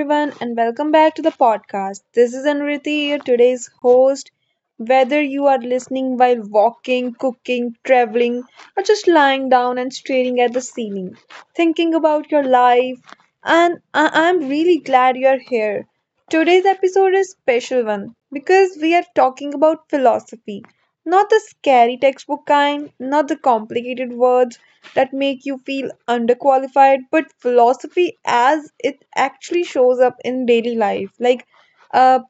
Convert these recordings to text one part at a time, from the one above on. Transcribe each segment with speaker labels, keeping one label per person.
Speaker 1: Everyone, and welcome back to the podcast. This is Anriti, your today's host. Whether you are listening while walking, cooking, traveling, or just lying down and staring at the ceiling, thinking about your life, and I'm really glad you're here. Today's episode is special one because we are talking about philosophy. Not the scary textbook kind, not the complicated words that make you feel underqualified, but philosophy as it actually shows up in daily life. Like, uh,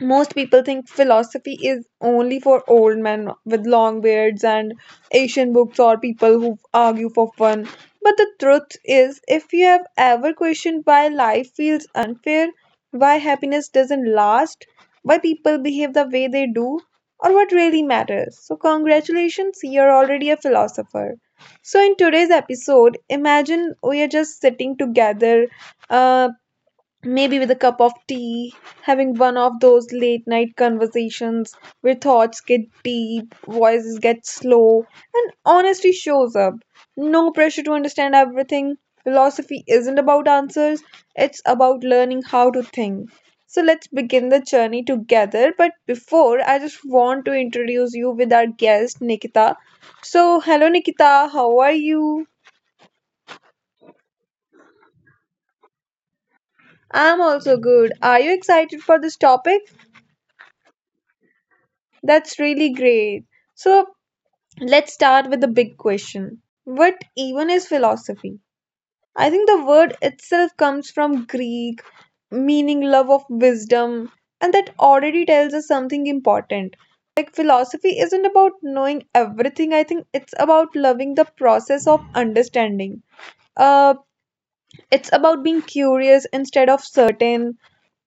Speaker 1: most people think philosophy is only for old men with long beards and Asian books or people who argue for fun. But the truth is, if you have ever questioned why life feels unfair, why happiness doesn't last, why people behave the way they do, or what really matters, so congratulations, you're already a philosopher. So, in today's episode, imagine we are just sitting together, uh, maybe with a cup of tea, having one of those late night conversations where thoughts get deep, voices get slow, and honesty shows up. No pressure to understand everything. Philosophy isn't about answers, it's about learning how to think. So let's begin the journey together. But before, I just want to introduce you with our guest, Nikita. So, hello, Nikita, how are you? I'm also good. Are you excited for this topic? That's really great. So let's start with the big question. What even is philosophy? I think the word itself comes from Greek, meaning love of wisdom, and that already tells us something important. Like, philosophy isn't about knowing everything, I think it's about loving the process of understanding. Uh. It's about being curious instead of certain.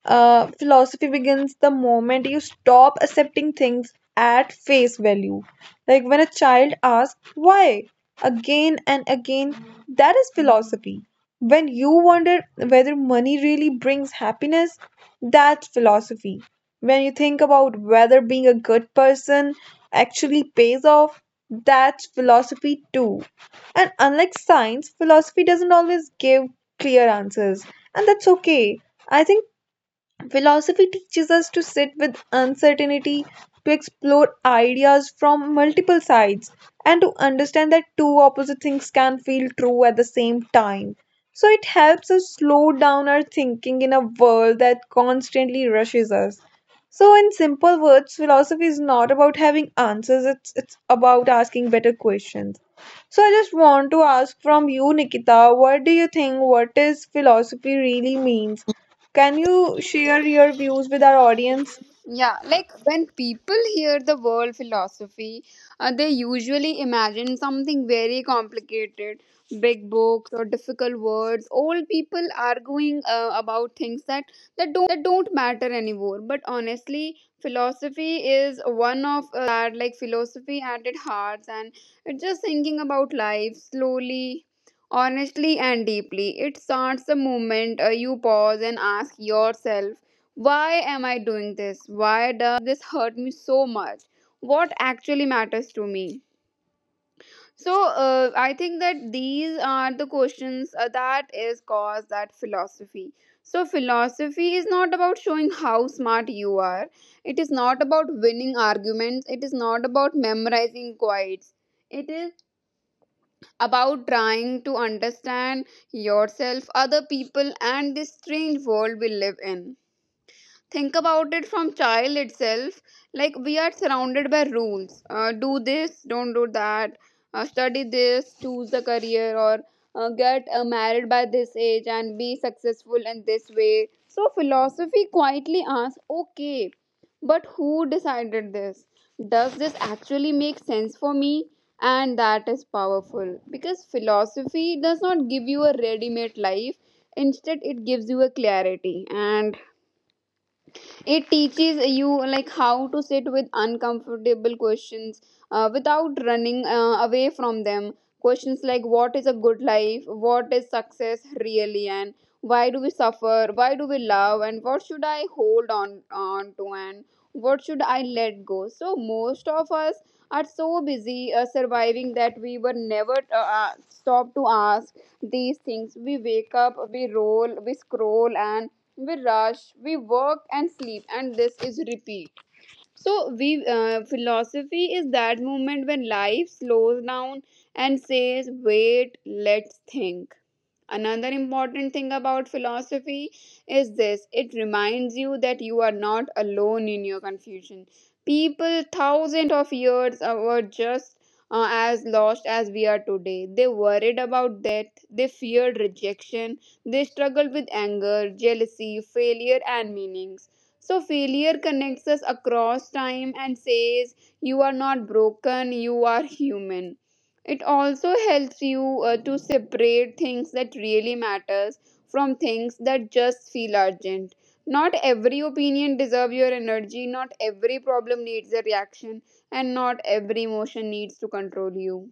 Speaker 1: Philosophy begins the moment you stop accepting things at face value. Like when a child asks, why? Again and again, that is philosophy. When you wonder whether money really brings happiness, that's philosophy. When you think about whether being a good person actually pays off, that's philosophy too. And unlike science, philosophy doesn't always give clear answers, and that's okay. I think philosophy teaches us to sit with uncertainty, to explore ideas from multiple sides, and to understand that two opposite things can feel true at the same time. So, it helps us slow down our thinking in a world that constantly rushes us. So, in simple words, philosophy is not about having answers, it's about asking better questions. So, I just want to ask from you, Nikita, what do you think? What is philosophy really means? Can you share your views with our audience?
Speaker 2: Yeah, like when people hear the word philosophy, they usually imagine something very complicated, big books or difficult words. Old people arguing about things that don't matter anymore. But honestly, philosophy is one of that like philosophy at its heart, and it's just thinking about life slowly. Honestly and deeply, it starts the moment you pause and ask yourself, why am I doing this? Why does this hurt me so much? What actually matters to me? So I think that these are the questions that is cause that philosophy. So philosophy is not about showing how smart you are. It is not about winning arguments. It is not about memorizing quotes. It is about trying to understand yourself, other people, and this strange world we live in. Think about it from child itself, like we are surrounded by rules, do this, don't do that, study this, choose a career, or get married by this age and be successful in this way. So philosophy quietly asks, okay, but who decided this? Does this actually make sense for me? And that is powerful, because philosophy does not give you a ready-made life. Instead, it gives you a clarity, and it teaches you, like, how to sit with uncomfortable questions without running away from them. Questions like, what is a good life? What is success really? And why do we suffer? Why do we love? And what should I hold on to, and what should I let go? So most of us are so busy surviving that we were never stop to ask these things. We wake up, we roll, we scroll, and we rush, we work and sleep, and this is repeat. So we philosophy is that moment when life slows down and says, wait, let's think. Another important thing about philosophy is this: it reminds you that you are not alone in your confusion. People thousands of years ago were just as lost as we are today. They worried about death, they feared rejection, they struggled with anger, jealousy, failure, and meanings. So, failure connects us across time and says, you are not broken, you are human. It also helps you to separate things that really matters from things that just feel urgent. Not every opinion deserves your energy, not every problem needs a reaction, and not every emotion needs to control you.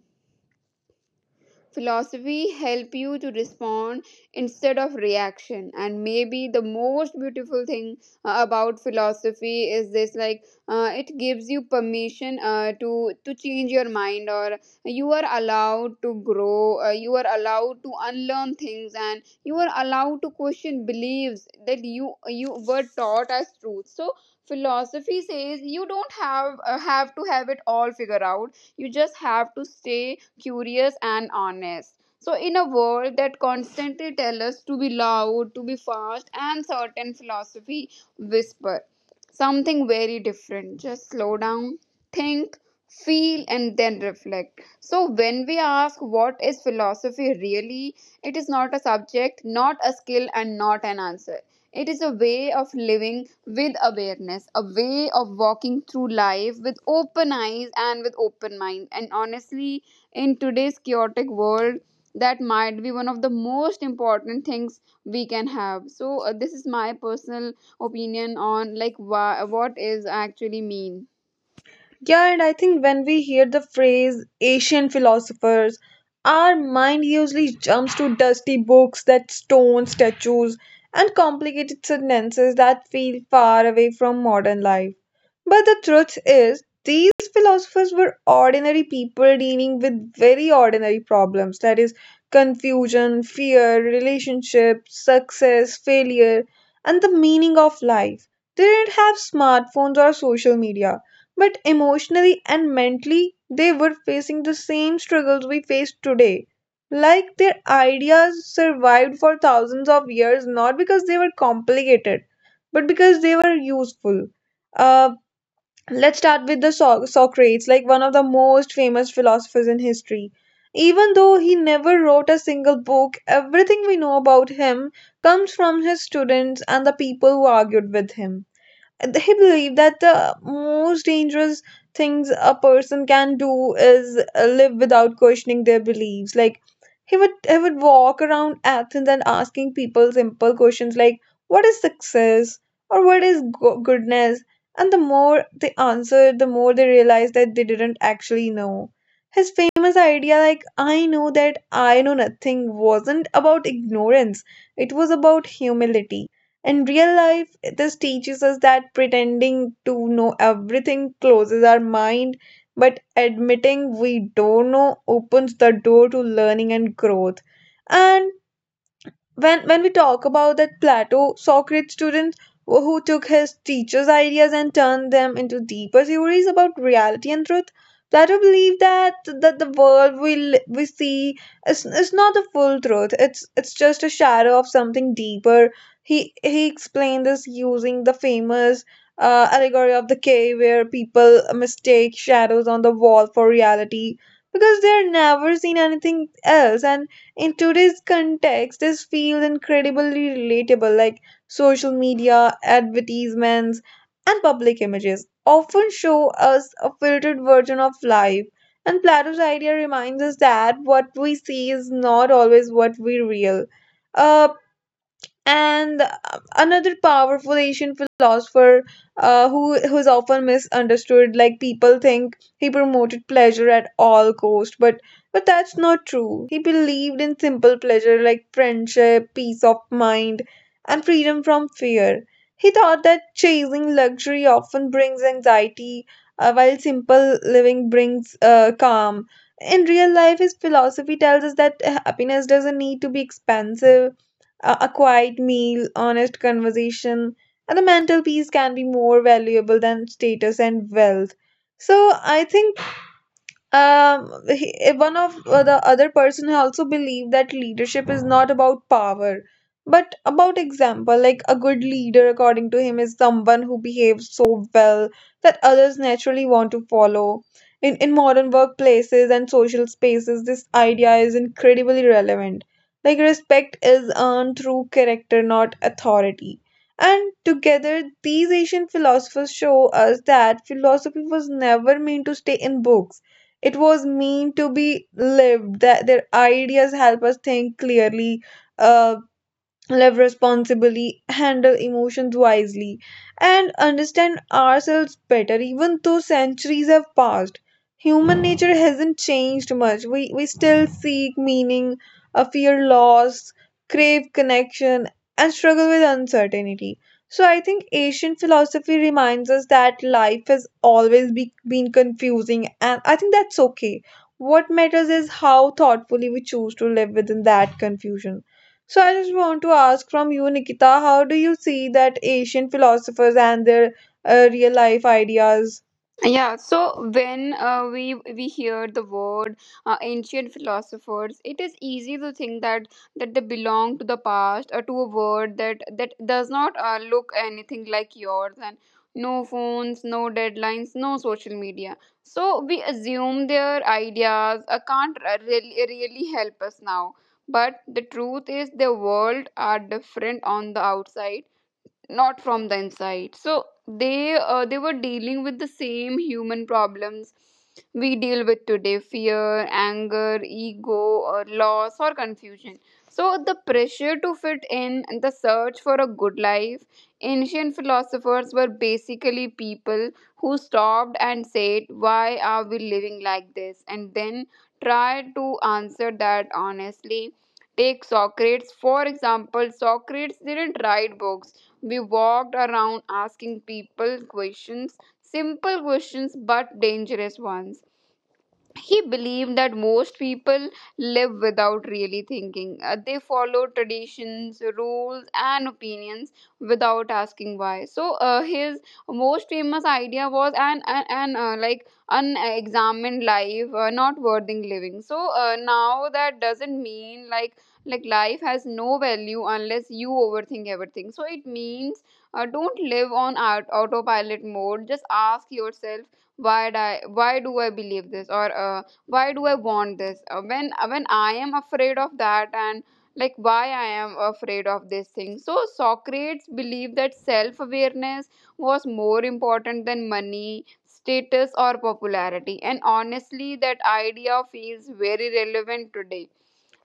Speaker 2: Philosophy help you to respond instead of reaction. And maybe the most beautiful thing about philosophy is this, like, it gives you permission to change your mind. Or you are allowed to grow, you are allowed to unlearn things, and you are allowed to question beliefs that you were taught as truth. So philosophy says you don't have to have it all figured out. You just have to stay curious and honest. So, in a world that constantly tells us to be loud, to be fast, and certain, philosophy whisper something very different. Just slow down, think, feel, and then reflect. So, when we ask what is philosophy really, it is not a subject, not a skill, and not an answer. It is a way of living with awareness, a way of walking through life with open eyes and with open mind. And honestly, in today's chaotic world, that might be one of the most important things we can have. So this is my personal opinion on, like, why, what is actually mean.
Speaker 1: Yeah, and I think when we hear the phrase "Asian philosophers," our mind usually jumps to dusty books that stone statues and complicated sentences that feel far away from modern life. But the truth is, these philosophers were ordinary people dealing with very ordinary problems, that is, confusion, fear, relationships, success, failure, and the meaning of life. They didn't have smartphones or social media, but emotionally and mentally, they were facing the same struggles we face today. Like, their ideas survived for thousands of years, not because they were complicated, but because they were useful. Uh, let's start with the Socrates, like one of the most famous philosophers in history. Even though he never wrote a single book, everything we know about him comes from his students and the people who argued with him. They believe that the most dangerous things a person can do is live without questioning their beliefs. Like, he would walk around Athens and asking people simple questions like what is success or what is goodness. And the more they answered, the more they realized that they didn't actually know. His famous idea, like I know that I know nothing, wasn't about ignorance. It was about humility. In real life, this teaches us that pretending to know everything closes our mind, but admitting we don't know opens the door to learning and growth. And when we talk about that Plato, Socrates student who took his teacher's ideas and turned them into deeper theories about reality and truth, Plato believed that the world we see is not the full truth. It's just a shadow of something deeper. He explained this using the famous allegory of the cave, where people mistake shadows on the wall for reality because they're never seen anything else. And in today's context, this feels incredibly relatable, like social media, advertisements, and public images often show us a filtered version of life. And Plato's idea reminds us that what we see is not always what we real. Uh, and another powerful Asian philosopher, who's often misunderstood, like people think he promoted pleasure at all cost, but that's not true. He believed in simple pleasure like friendship, peace of mind, and freedom from fear. He thought that chasing luxury often brings anxiety, while simple living brings calm. In real life, his philosophy tells us that happiness doesn't need to be expensive. A quiet meal, honest conversation, and the mental peace can be more valuable than status and wealth. So I think one of the other person also believe that leadership is not about power, but about example. Like a good leader, according to him, is someone who behaves so well that others naturally want to follow. In modern workplaces and social spaces, this idea is incredibly relevant. Like, respect is earned through character, not authority. And together, these Asian philosophers show us that philosophy was never meant to stay in books. It was meant to be lived, that their ideas help us think clearly, uh, live responsibly, handle emotions wisely, and understand ourselves better. Even though centuries have passed, human nature hasn't changed much. We still seek meaning, fear loss, crave connection, and struggle with uncertainty. So, I think Asian philosophy reminds us that life has always been confusing, and I think that's okay. What matters is how thoughtfully we choose to live within that confusion. So I just want to ask from you, Nikita, how do you see that Asian philosophers and their real life ideas?
Speaker 2: Yeah, so when we hear the word ancient philosophers, it is easy to think that they belong to the past or to a world that does not look anything like yours, and no phones, no deadlines, no social media. So we assume their ideas can't really, really help us now. But the truth is, the world are different on the outside, not from the inside. So they were dealing with the same human problems we deal with today: fear, anger, ego, or loss, or confusion. So the pressure to fit in and the search for a good life, ancient philosophers were basically people who stopped and said, why are we living like this, and then tried to answer that honestly. Take Socrates, for example. Socrates didn't write books, we walked around asking people questions, simple questions but dangerous ones. He believed that most people live without really thinking. They follow traditions, rules, and opinions without asking why. So his most famous idea was an like unexamined life, not worthy living. So now that doesn't mean, like life has no value unless you overthink everything. So it means, don't live on autopilot mode. Just ask yourself, why do I believe this? Or why do I want this? When when I am afraid of that, and like, why I am afraid of this thing? So Socrates believed that self awareness was more important than money, status, or popularity, and honestly, that idea feels very relevant today.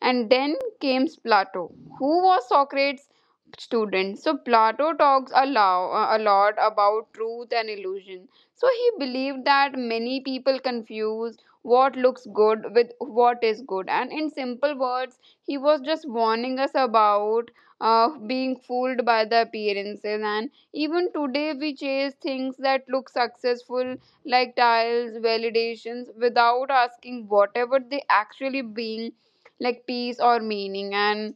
Speaker 2: And then came Plato, who was Socrates' student. So Plato talks a lot about truth and illusion. So he believed that many people confuse what looks good with what is good. And in simple words, he was just warning us about being fooled by the appearances. And even today, we chase things that look successful, like tiles, validations, without asking whatever they actually being, like peace or meaning. And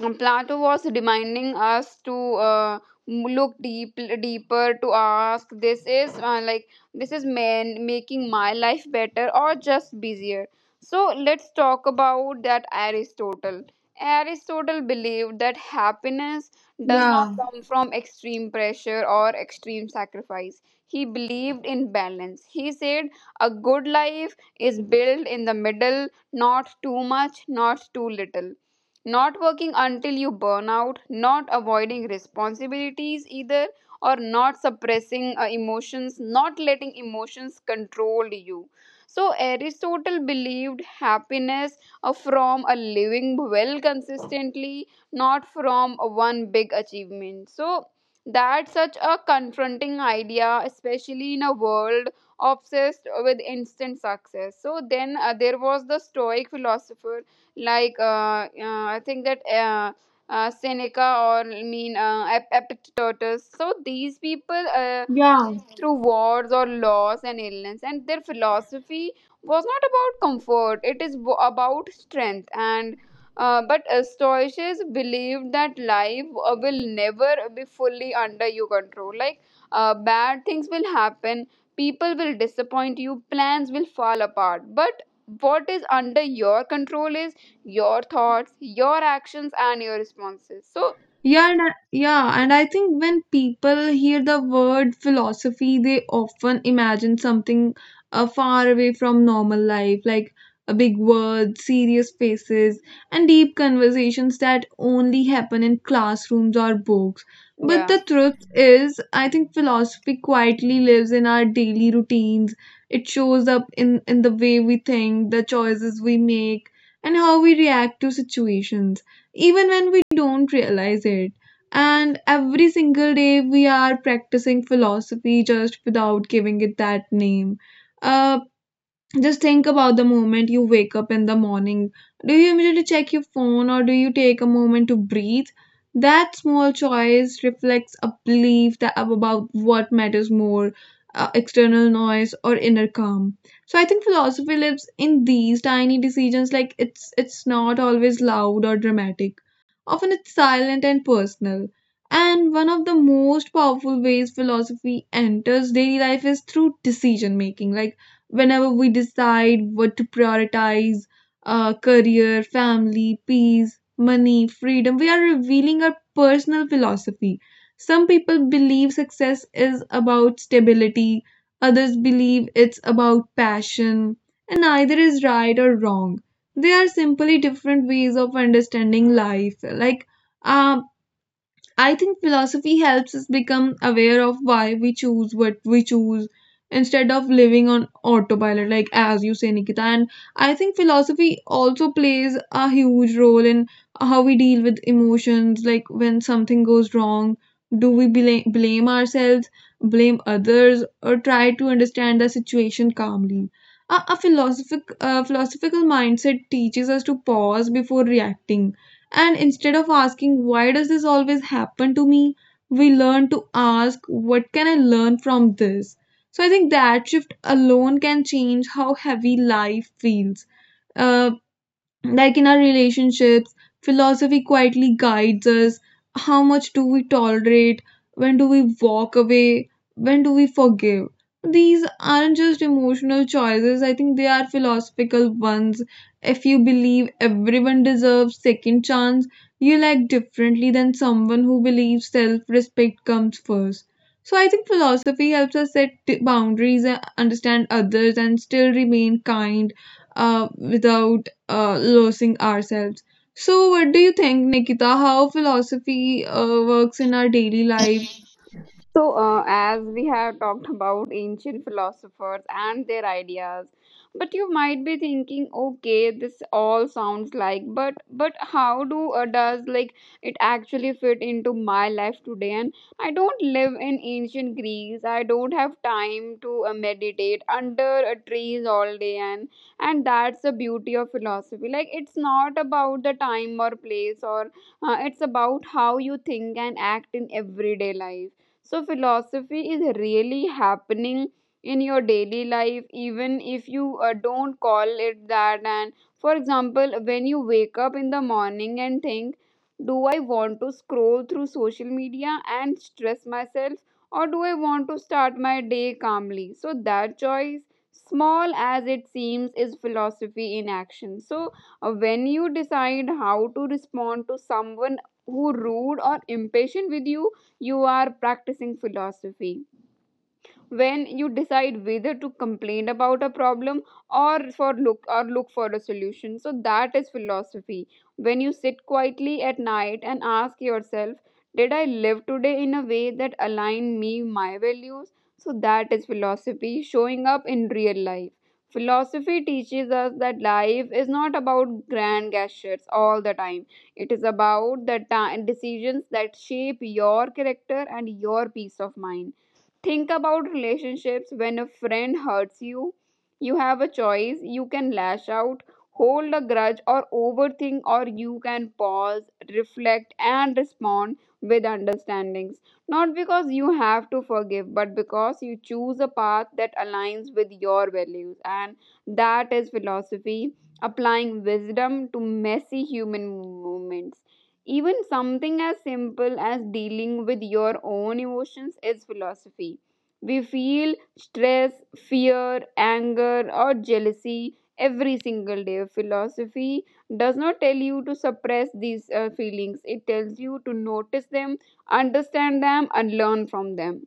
Speaker 2: Plato was reminding us to uh, look deeper, to ask, this is man making my life better or just busier? So let's talk about that Aristotle. Aristotle believed that happiness does not
Speaker 1: Yeah,
Speaker 2: come from extreme pressure or extreme sacrifice. He believed in balance. He said a good life is built in the middle, not too much, not too little, not working until you burn out, not avoiding responsibilities either, or not suppressing emotions, not letting emotions control you. So, Aristotle believed happiness from a living well consistently, not from one big achievement. So, that's such a confronting idea, especially in a world obsessed with instant success. So, then there was the Stoic philosopher, like I think that Seneca, or I mean Epictetus. So these people.
Speaker 1: yeah.
Speaker 2: Through wars or loss and illness, and their philosophy was not about comfort, it is about strength. And but Stoics believed that life will never be fully under your control. Like, bad things will happen, people will disappoint you, plans will fall apart. But what is under your control is your thoughts, your actions, and your responses. So,
Speaker 1: Yeah, and yeah, and I think when people hear the word philosophy, they often imagine something far away from normal life, like a big word, serious faces, and deep conversations that only happen in classrooms or books. But
Speaker 2: yeah.
Speaker 1: the truth is, I think philosophy quietly lives in our daily routines. It shows up in the way we think, the choices we make, and how we react to situations even when we don't realize it. And every single day we are practicing philosophy just without giving it that name. Uh, just think about the moment you wake up in the morning. Do you immediately check your phone, or do you take a moment to breathe? That small choice reflects a belief that about what matters more, external noise or inner calm. So I think philosophy lives in these tiny decisions. Like, it's not always loud or dramatic. Often it's silent and personal. And one of the most powerful ways philosophy enters daily life is through decision making. Like, whenever we decide what to prioritize, career, family, peace, money, freedom, we are revealing our personal philosophy. Some people believe success is about stability, others believe it's about passion, and neither is right or wrong. They are simply different ways of understanding life. Like, um, I think philosophy helps us become aware of why we choose what we choose instead of living on autopilot, like as you say, Nikita. And I think philosophy also plays a huge role in how we deal with emotions, like when something goes wrong. Do we blame ourselves, blame others, or try to understand the situation calmly? A philosophical mindset teaches us to pause before reacting, and instead of asking, why does this always happen to me, we learn to ask, what can I learn from this? So I think that shift alone can change how heavy life feels. Uh, like in our relationships, philosophy quietly guides us. How much do we tolerate? When do we walk away? When do we forgive? These aren't just emotional choices, I think they are philosophical ones. If you believe everyone deserves second chance, you'll act differently than someone who believes self-respect comes first. So I think philosophy helps us set boundaries, understand others, and still remain kind without losing ourselves. So, what do you think, Nikita? How philosophy works in our daily life?
Speaker 2: So, as we have talked about ancient philosophers and their ideas, but you might be thinking, okay, this all sounds like, but how do does, like, it actually fit into my life today? And I don't live in ancient Greece. I don't have time to meditate under trees all day, and that's the beauty of philosophy. Like, it's not about the time or place, or it's about how you think and act in everyday life. So, philosophy is really happening in your daily life, even if you don't call it that. And for example, when you wake up in the morning and think, do I want to scroll through social media and stress myself, or do I want to start my day calmly? So, that choice, small as it seems, is philosophy in action. So, when you decide how to respond to someone who rude or impatient with you, you are practicing philosophy. When you decide whether to complain about a problem or for look or look for a solution, so that is philosophy. When you sit quietly at night and ask yourself, did I live today in a way that aligned me my values, so that is philosophy showing up in real life. Philosophy teaches us that life is not about grand gestures all the time, it is about the time decisions that shape your character and your peace of mind. Think about relationships. When a friend hurts you, you have a choice. You can lash out, hold a grudge, or overthink, or you can pause, reflect, and respond with understandings. Not because you have to forgive, but because you choose a path that aligns with your values. And that is philosophy, applying wisdom to messy human moments. Even something as simple as dealing with your own emotions is philosophy. We feel stress, fear, anger, or jealousy every single day. Philosophy does not tell you to suppress these feelings. It tells you to notice them, understand them, and learn from them,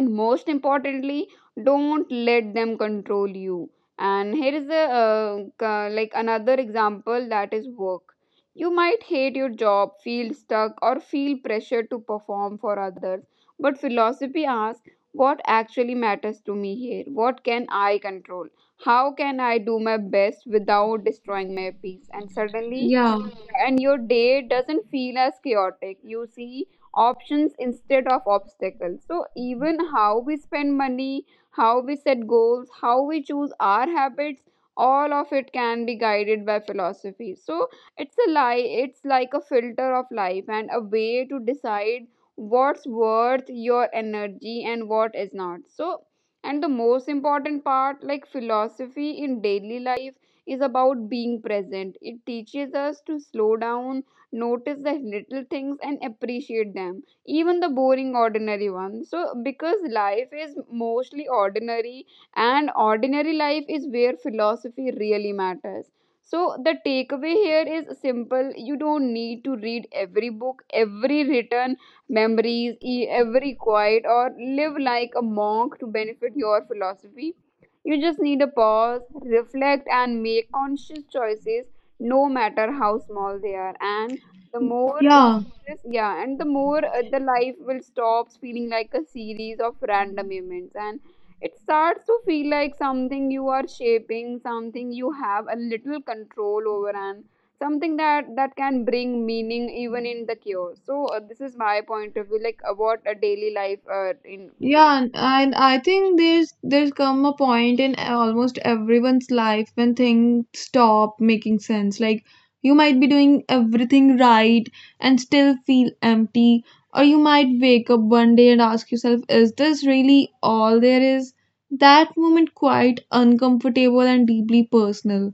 Speaker 2: and most importantly don't let them control you. And here is a another example. That is work. You might hate your job, feel stuck, or feel pressure to perform for others, but philosophy asks, what actually matters to me here? What can I control? How can I do my best without destroying my peace? And suddenly
Speaker 1: Yeah,
Speaker 2: and your day doesn't feel as chaotic. You see options instead of obstacles. So even how we spend money, how we set goals, how we choose our habits, all of it can be guided by philosophy. So it's a lie, it's like a filter of life and a way to decide what's worth your energy and what is not. So, and the most important part, like, philosophy in daily life is about being present. It teaches us to slow down, notice the little things, and appreciate them, even the boring, ordinary ones. So because life is mostly ordinary, and ordinary life is where philosophy really matters. So the takeaway here is simple. You don't need to read every book, every written memories, every quiet, or live like a monk to benefit your philosophy. You just need a pause, reflect, and make conscious choices, no matter how small they are. And the more you
Speaker 1: yeah.
Speaker 2: just, yeah, and the more the life will stop feeling like a series of random events, and it starts to feel like something you are shaping, something you have a little control over, and something that can bring meaning even in the chaos. So this is my point of view, like, what a daily life in.
Speaker 1: Yeah, and I think there's come a point in almost everyone's life when things stop making sense. Like, you might be doing everything right and still feel empty, or you might wake up one day and ask yourself, is this really all there is? That moment, quite uncomfortable and deeply personal,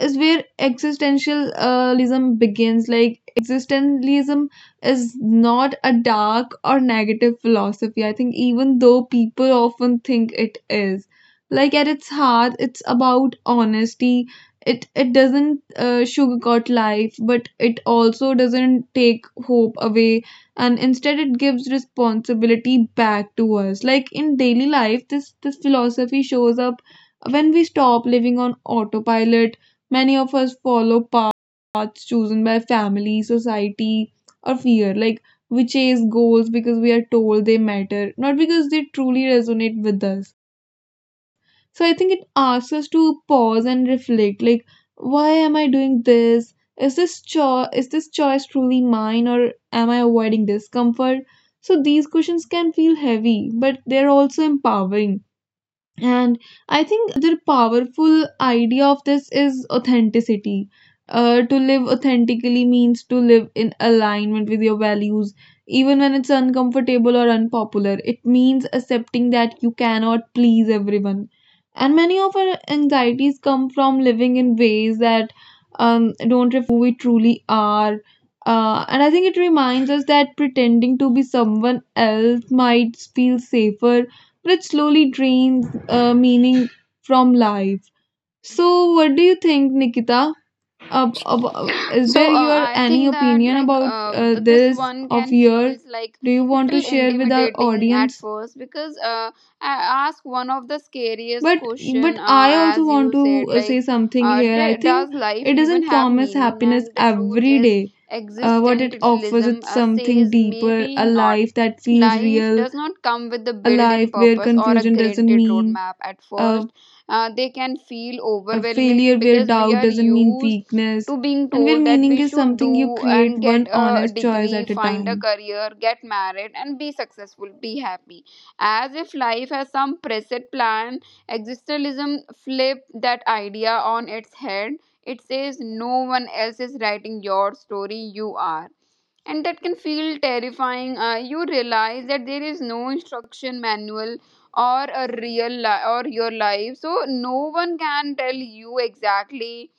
Speaker 1: is where existentialism begins. Like existentialism is not a dark or negative philosophy. I think even though people often think it is, like at its heart, it's about honesty. It doesn't sugarcoat life, but it also doesn't take hope away, and instead it gives responsibility back to us. Like in daily life, this philosophy shows up when we stop living on autopilot. Many of us follow paths chosen by family, society, or fear. Like we chase goals because we are told they matter, not because they truly resonate with us. So I think it asks us to pause and reflect like, why am I doing this? Is this, is this choice truly mine, or am I avoiding discomfort? So these questions can feel heavy, but they're also empowering, and I think powerful idea of this is authenticity. To live authentically means to live in alignment with your values, even when it's uncomfortable or unpopular. It means accepting that you cannot please everyone. And many of our anxieties come from living in ways that don't we truly are. And I think it reminds us that pretending to be someone else might feel safer, which slowly drains meaning from life. So, what do you think, Nikita? Is
Speaker 2: So
Speaker 1: there your
Speaker 2: I
Speaker 1: any
Speaker 2: think that,
Speaker 1: opinion
Speaker 2: like,
Speaker 1: about
Speaker 2: this
Speaker 1: this
Speaker 2: one
Speaker 1: of
Speaker 2: can
Speaker 1: your?
Speaker 2: feels like
Speaker 1: Do you want to
Speaker 2: little
Speaker 1: share with our
Speaker 2: intimidating at
Speaker 1: audience?
Speaker 2: first because I ask one of the scariest
Speaker 1: But
Speaker 2: question,
Speaker 1: but I also
Speaker 2: as
Speaker 1: want
Speaker 2: you said,
Speaker 1: to
Speaker 2: like,
Speaker 1: say something here. I think
Speaker 2: does life
Speaker 1: it
Speaker 2: even
Speaker 1: doesn't
Speaker 2: have
Speaker 1: promise
Speaker 2: meaning?
Speaker 1: happiness
Speaker 2: And the truth
Speaker 1: every
Speaker 2: is
Speaker 1: day. What it offers
Speaker 2: existentialism
Speaker 1: it's something
Speaker 2: says
Speaker 1: deeper,
Speaker 2: maybe
Speaker 1: a
Speaker 2: not.
Speaker 1: life that feels
Speaker 2: Life
Speaker 1: real,
Speaker 2: does not come with a
Speaker 1: a
Speaker 2: built-in
Speaker 1: life where
Speaker 2: purpose or a
Speaker 1: confusion doesn't
Speaker 2: granted
Speaker 1: mean
Speaker 2: roadmap. At
Speaker 1: uh,
Speaker 2: first they can feel
Speaker 1: a
Speaker 2: overwhelming
Speaker 1: failure, where
Speaker 2: because we
Speaker 1: doubt
Speaker 2: are
Speaker 1: doesn't mean
Speaker 2: used
Speaker 1: weakness,
Speaker 2: to being
Speaker 1: and where
Speaker 2: told that
Speaker 1: meaning
Speaker 2: we
Speaker 1: is
Speaker 2: should
Speaker 1: something you
Speaker 2: do
Speaker 1: create
Speaker 2: and get
Speaker 1: one
Speaker 2: a
Speaker 1: honest choice
Speaker 2: degree,
Speaker 1: at a
Speaker 2: find a
Speaker 1: time.
Speaker 2: career, get married, and be successful, be happy. As if life has some preset plan, existentialism flips that idea on its head. It says no one else is writing your story, you are. And that can feel terrifying. You realize that there is no instruction manual or your life, so no one can tell you exactly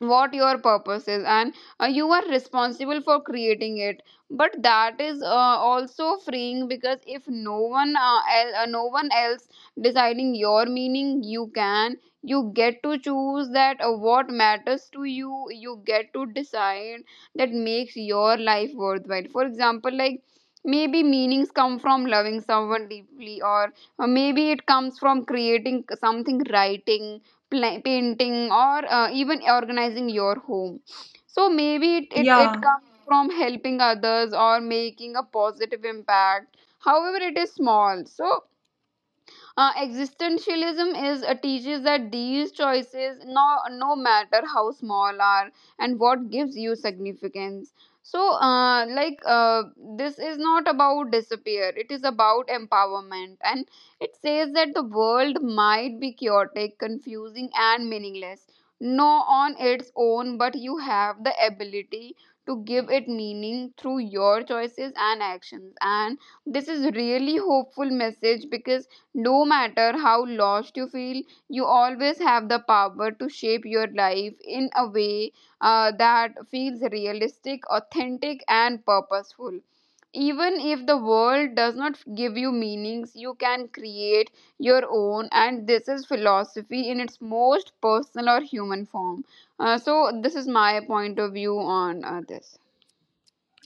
Speaker 2: what your purpose is, and you are responsible for creating it. But that is also freeing, because if no one else deciding your meaning, you can, you get to choose that what matters to you. You get to decide that makes your life worthwhile. For example, like, maybe meanings come from loving someone deeply, or maybe it comes from creating something, writing, painting, or even organizing your home. So maybe it
Speaker 1: Yeah,
Speaker 2: comes from helping others or making a positive impact, however it is small. So existentialism is teaches that these choices, no matter how small, are and what gives you significance. So like, this is not about disappear. It is about empowerment, and it says that the world might be chaotic, confusing, and meaningless. No, on its own, but you have the ability to give it meaning through your choices and actions. And this is really hopeful message, because no matter how lost you feel, you always have the power to shape your life in a way that feels realistic, authentic, and purposeful. Even if the world does not give you meanings, you can create your own, and this is philosophy in its most personal or human form. So, this is my point of view on this.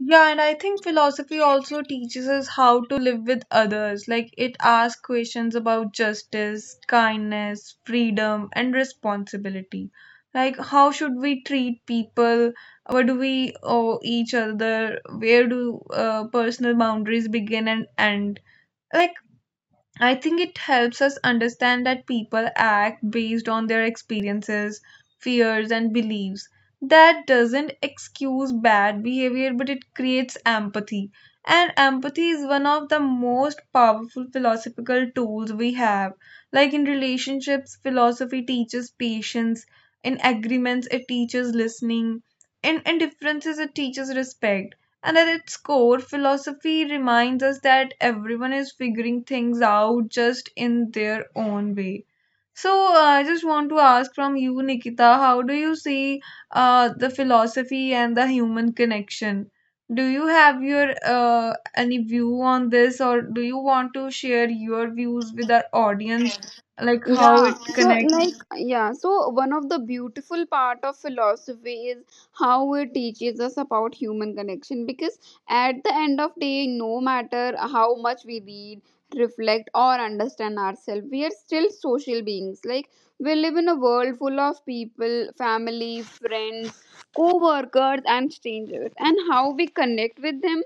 Speaker 1: yeah, and I think philosophy also teaches us how to live with others. Like it asks questions about justice, kindness, freedom, and responsibility. Like how should we treat people? What do we owe each other? Where do personal boundaries begin and end? Like I think it helps us understand that people act based on their experiences, fears, and beliefs. That doesn't excuse bad behavior, but it creates empathy. And empathy is one of the most powerful philosophical tools we have. Like in relationships, philosophy teaches patience, in agreements, it teaches listening, in differences, it teaches respect, and at its core, philosophy reminds us that everyone is figuring things out just in their own way. So, I just want to ask from you, Nikita, how do you see the philosophy and the human connection? Do you have your any view on this, or do you want to share your views with our audience, like how
Speaker 2: Yeah,
Speaker 1: it
Speaker 2: so
Speaker 1: connects?
Speaker 2: like, yeah, so one of the beautiful part of philosophy is how it teaches us about human connection, because at the end of day, no matter how much we read, reflect, or understand ourselves, we are still social beings. Like, we live in a world full of people, family, friends, co-workers, and strangers, and how we connect with them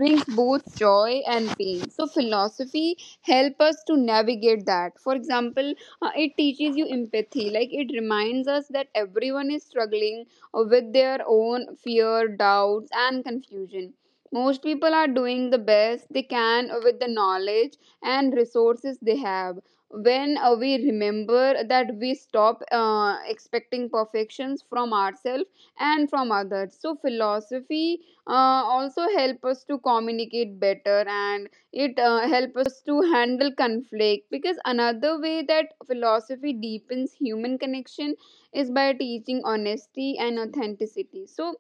Speaker 2: brings both joy and pain. So philosophy help us to navigate that. For example, it teaches you empathy. Like, it reminds us that everyone is struggling with their own fear, doubts, and confusion. Most people are doing the best they can with the knowledge and resources they have. When we remember that, we stop expecting perfections from ourselves and from others. So philosophy also help us to communicate better, and it help us to handle conflict, because another way that philosophy deepens human connection is by teaching honesty and authenticity. So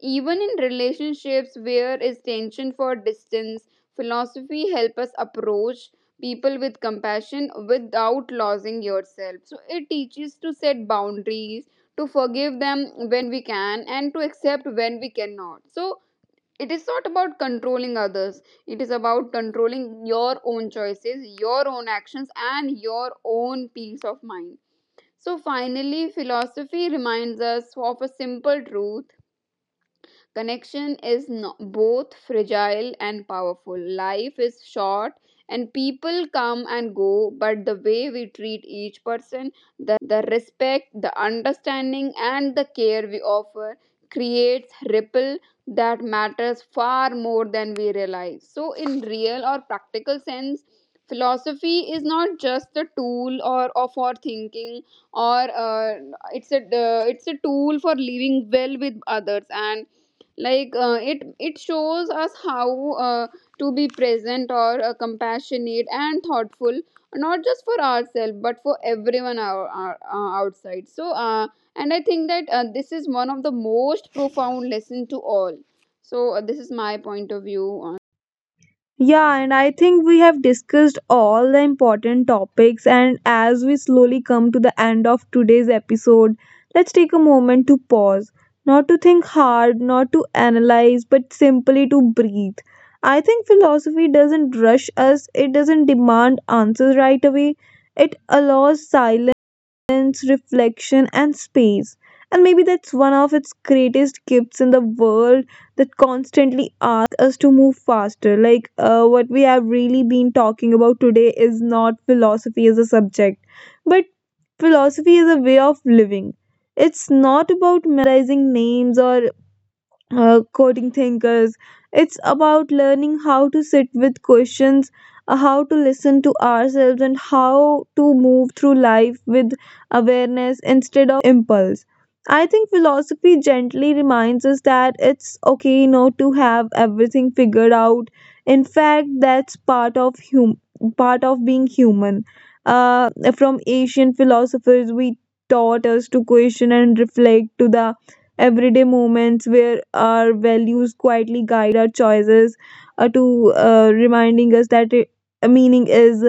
Speaker 2: even in relationships where is tension for distance, philosophy helps us approach people with compassion without losing yourself. So it teaches to set boundaries, to forgive them when we can, and to accept when we cannot. So it is not about controlling others, it is about controlling your own choices, your own actions, and your own peace of mind. So finally, philosophy reminds us of a simple truth. Connection is both fragile and powerful. Life is short and people come and go, but the way we treat each person, the respect, the understanding, and the care we offer creates ripple that matters far more than we realize. So in real or practical sense, philosophy is not just a tool or for thinking, or it's a tool for living well with others. And like, it shows us how to be present or compassionate and thoughtful, not just for ourselves but for everyone outside. So and I think that this is one of the most profound lesson to all. So this is my point of view on
Speaker 1: Yeah, and I think we have discussed all the important topics. And as we slowly come to the end of today's episode, let's take a moment to pause, not to think hard, not to analyze, but simply to breathe. I think philosophy doesn't rush us, it doesn't demand answers right away. It allows silence, reflection, and space. And maybe that's one of its greatest gifts in the world that constantly ask us to move faster. Like what we have really been talking about today is not philosophy as a subject, but philosophy is a way of living. It's not about memorizing names or coding thinkers. It's about learning how to sit with questions, how to listen to ourselves, and how to move through life with awareness instead of impulse. I think philosophy gently reminds us that it's okay not to have everything figured out. In fact, that's part of being human. Uh, from ancient philosophers, we taught us to question and reflect, to the everyday moments where our values quietly guide our choices, to reminding us that meaning is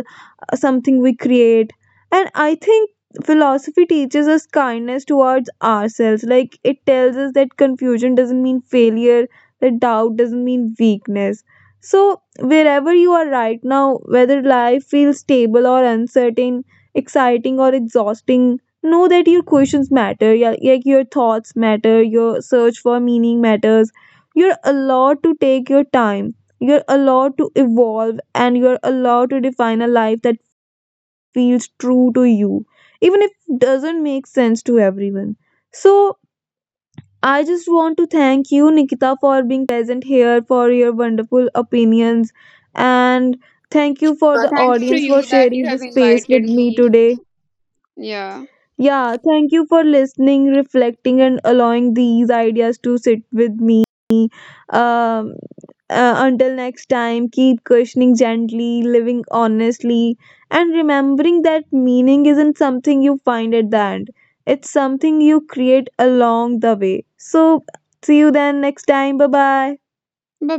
Speaker 1: something we create. And I think philosophy teaches us kindness towards ourselves, like it tells us that confusion doesn't mean failure, that doubt doesn't mean weakness. So wherever you are right now, whether life feels stable or uncertain, exciting or exhausting, know that your questions matter. Yeah, like your thoughts matter, your search for meaning matters, you're allowed to take your time, you're allowed to evolve, and you're allowed to define a life that feels true to you, even if it doesn't make sense to everyone. So, I just want to thank you, Nikita, for being present here, for your wonderful opinions, and thank you for the
Speaker 2: thanks to
Speaker 1: audience for
Speaker 2: you that you
Speaker 1: sharing
Speaker 2: have
Speaker 1: this space with
Speaker 2: invited
Speaker 1: me
Speaker 2: me.
Speaker 1: today.
Speaker 2: Yeah,
Speaker 1: Yeah, thank you for listening, reflecting, and allowing these ideas to sit with me. Um, until next time, keep questioning gently, living honestly, and remembering that meaning isn't something you find at the end, it's something you create along the way. So, see you then next time. Bye bye.
Speaker 2: bye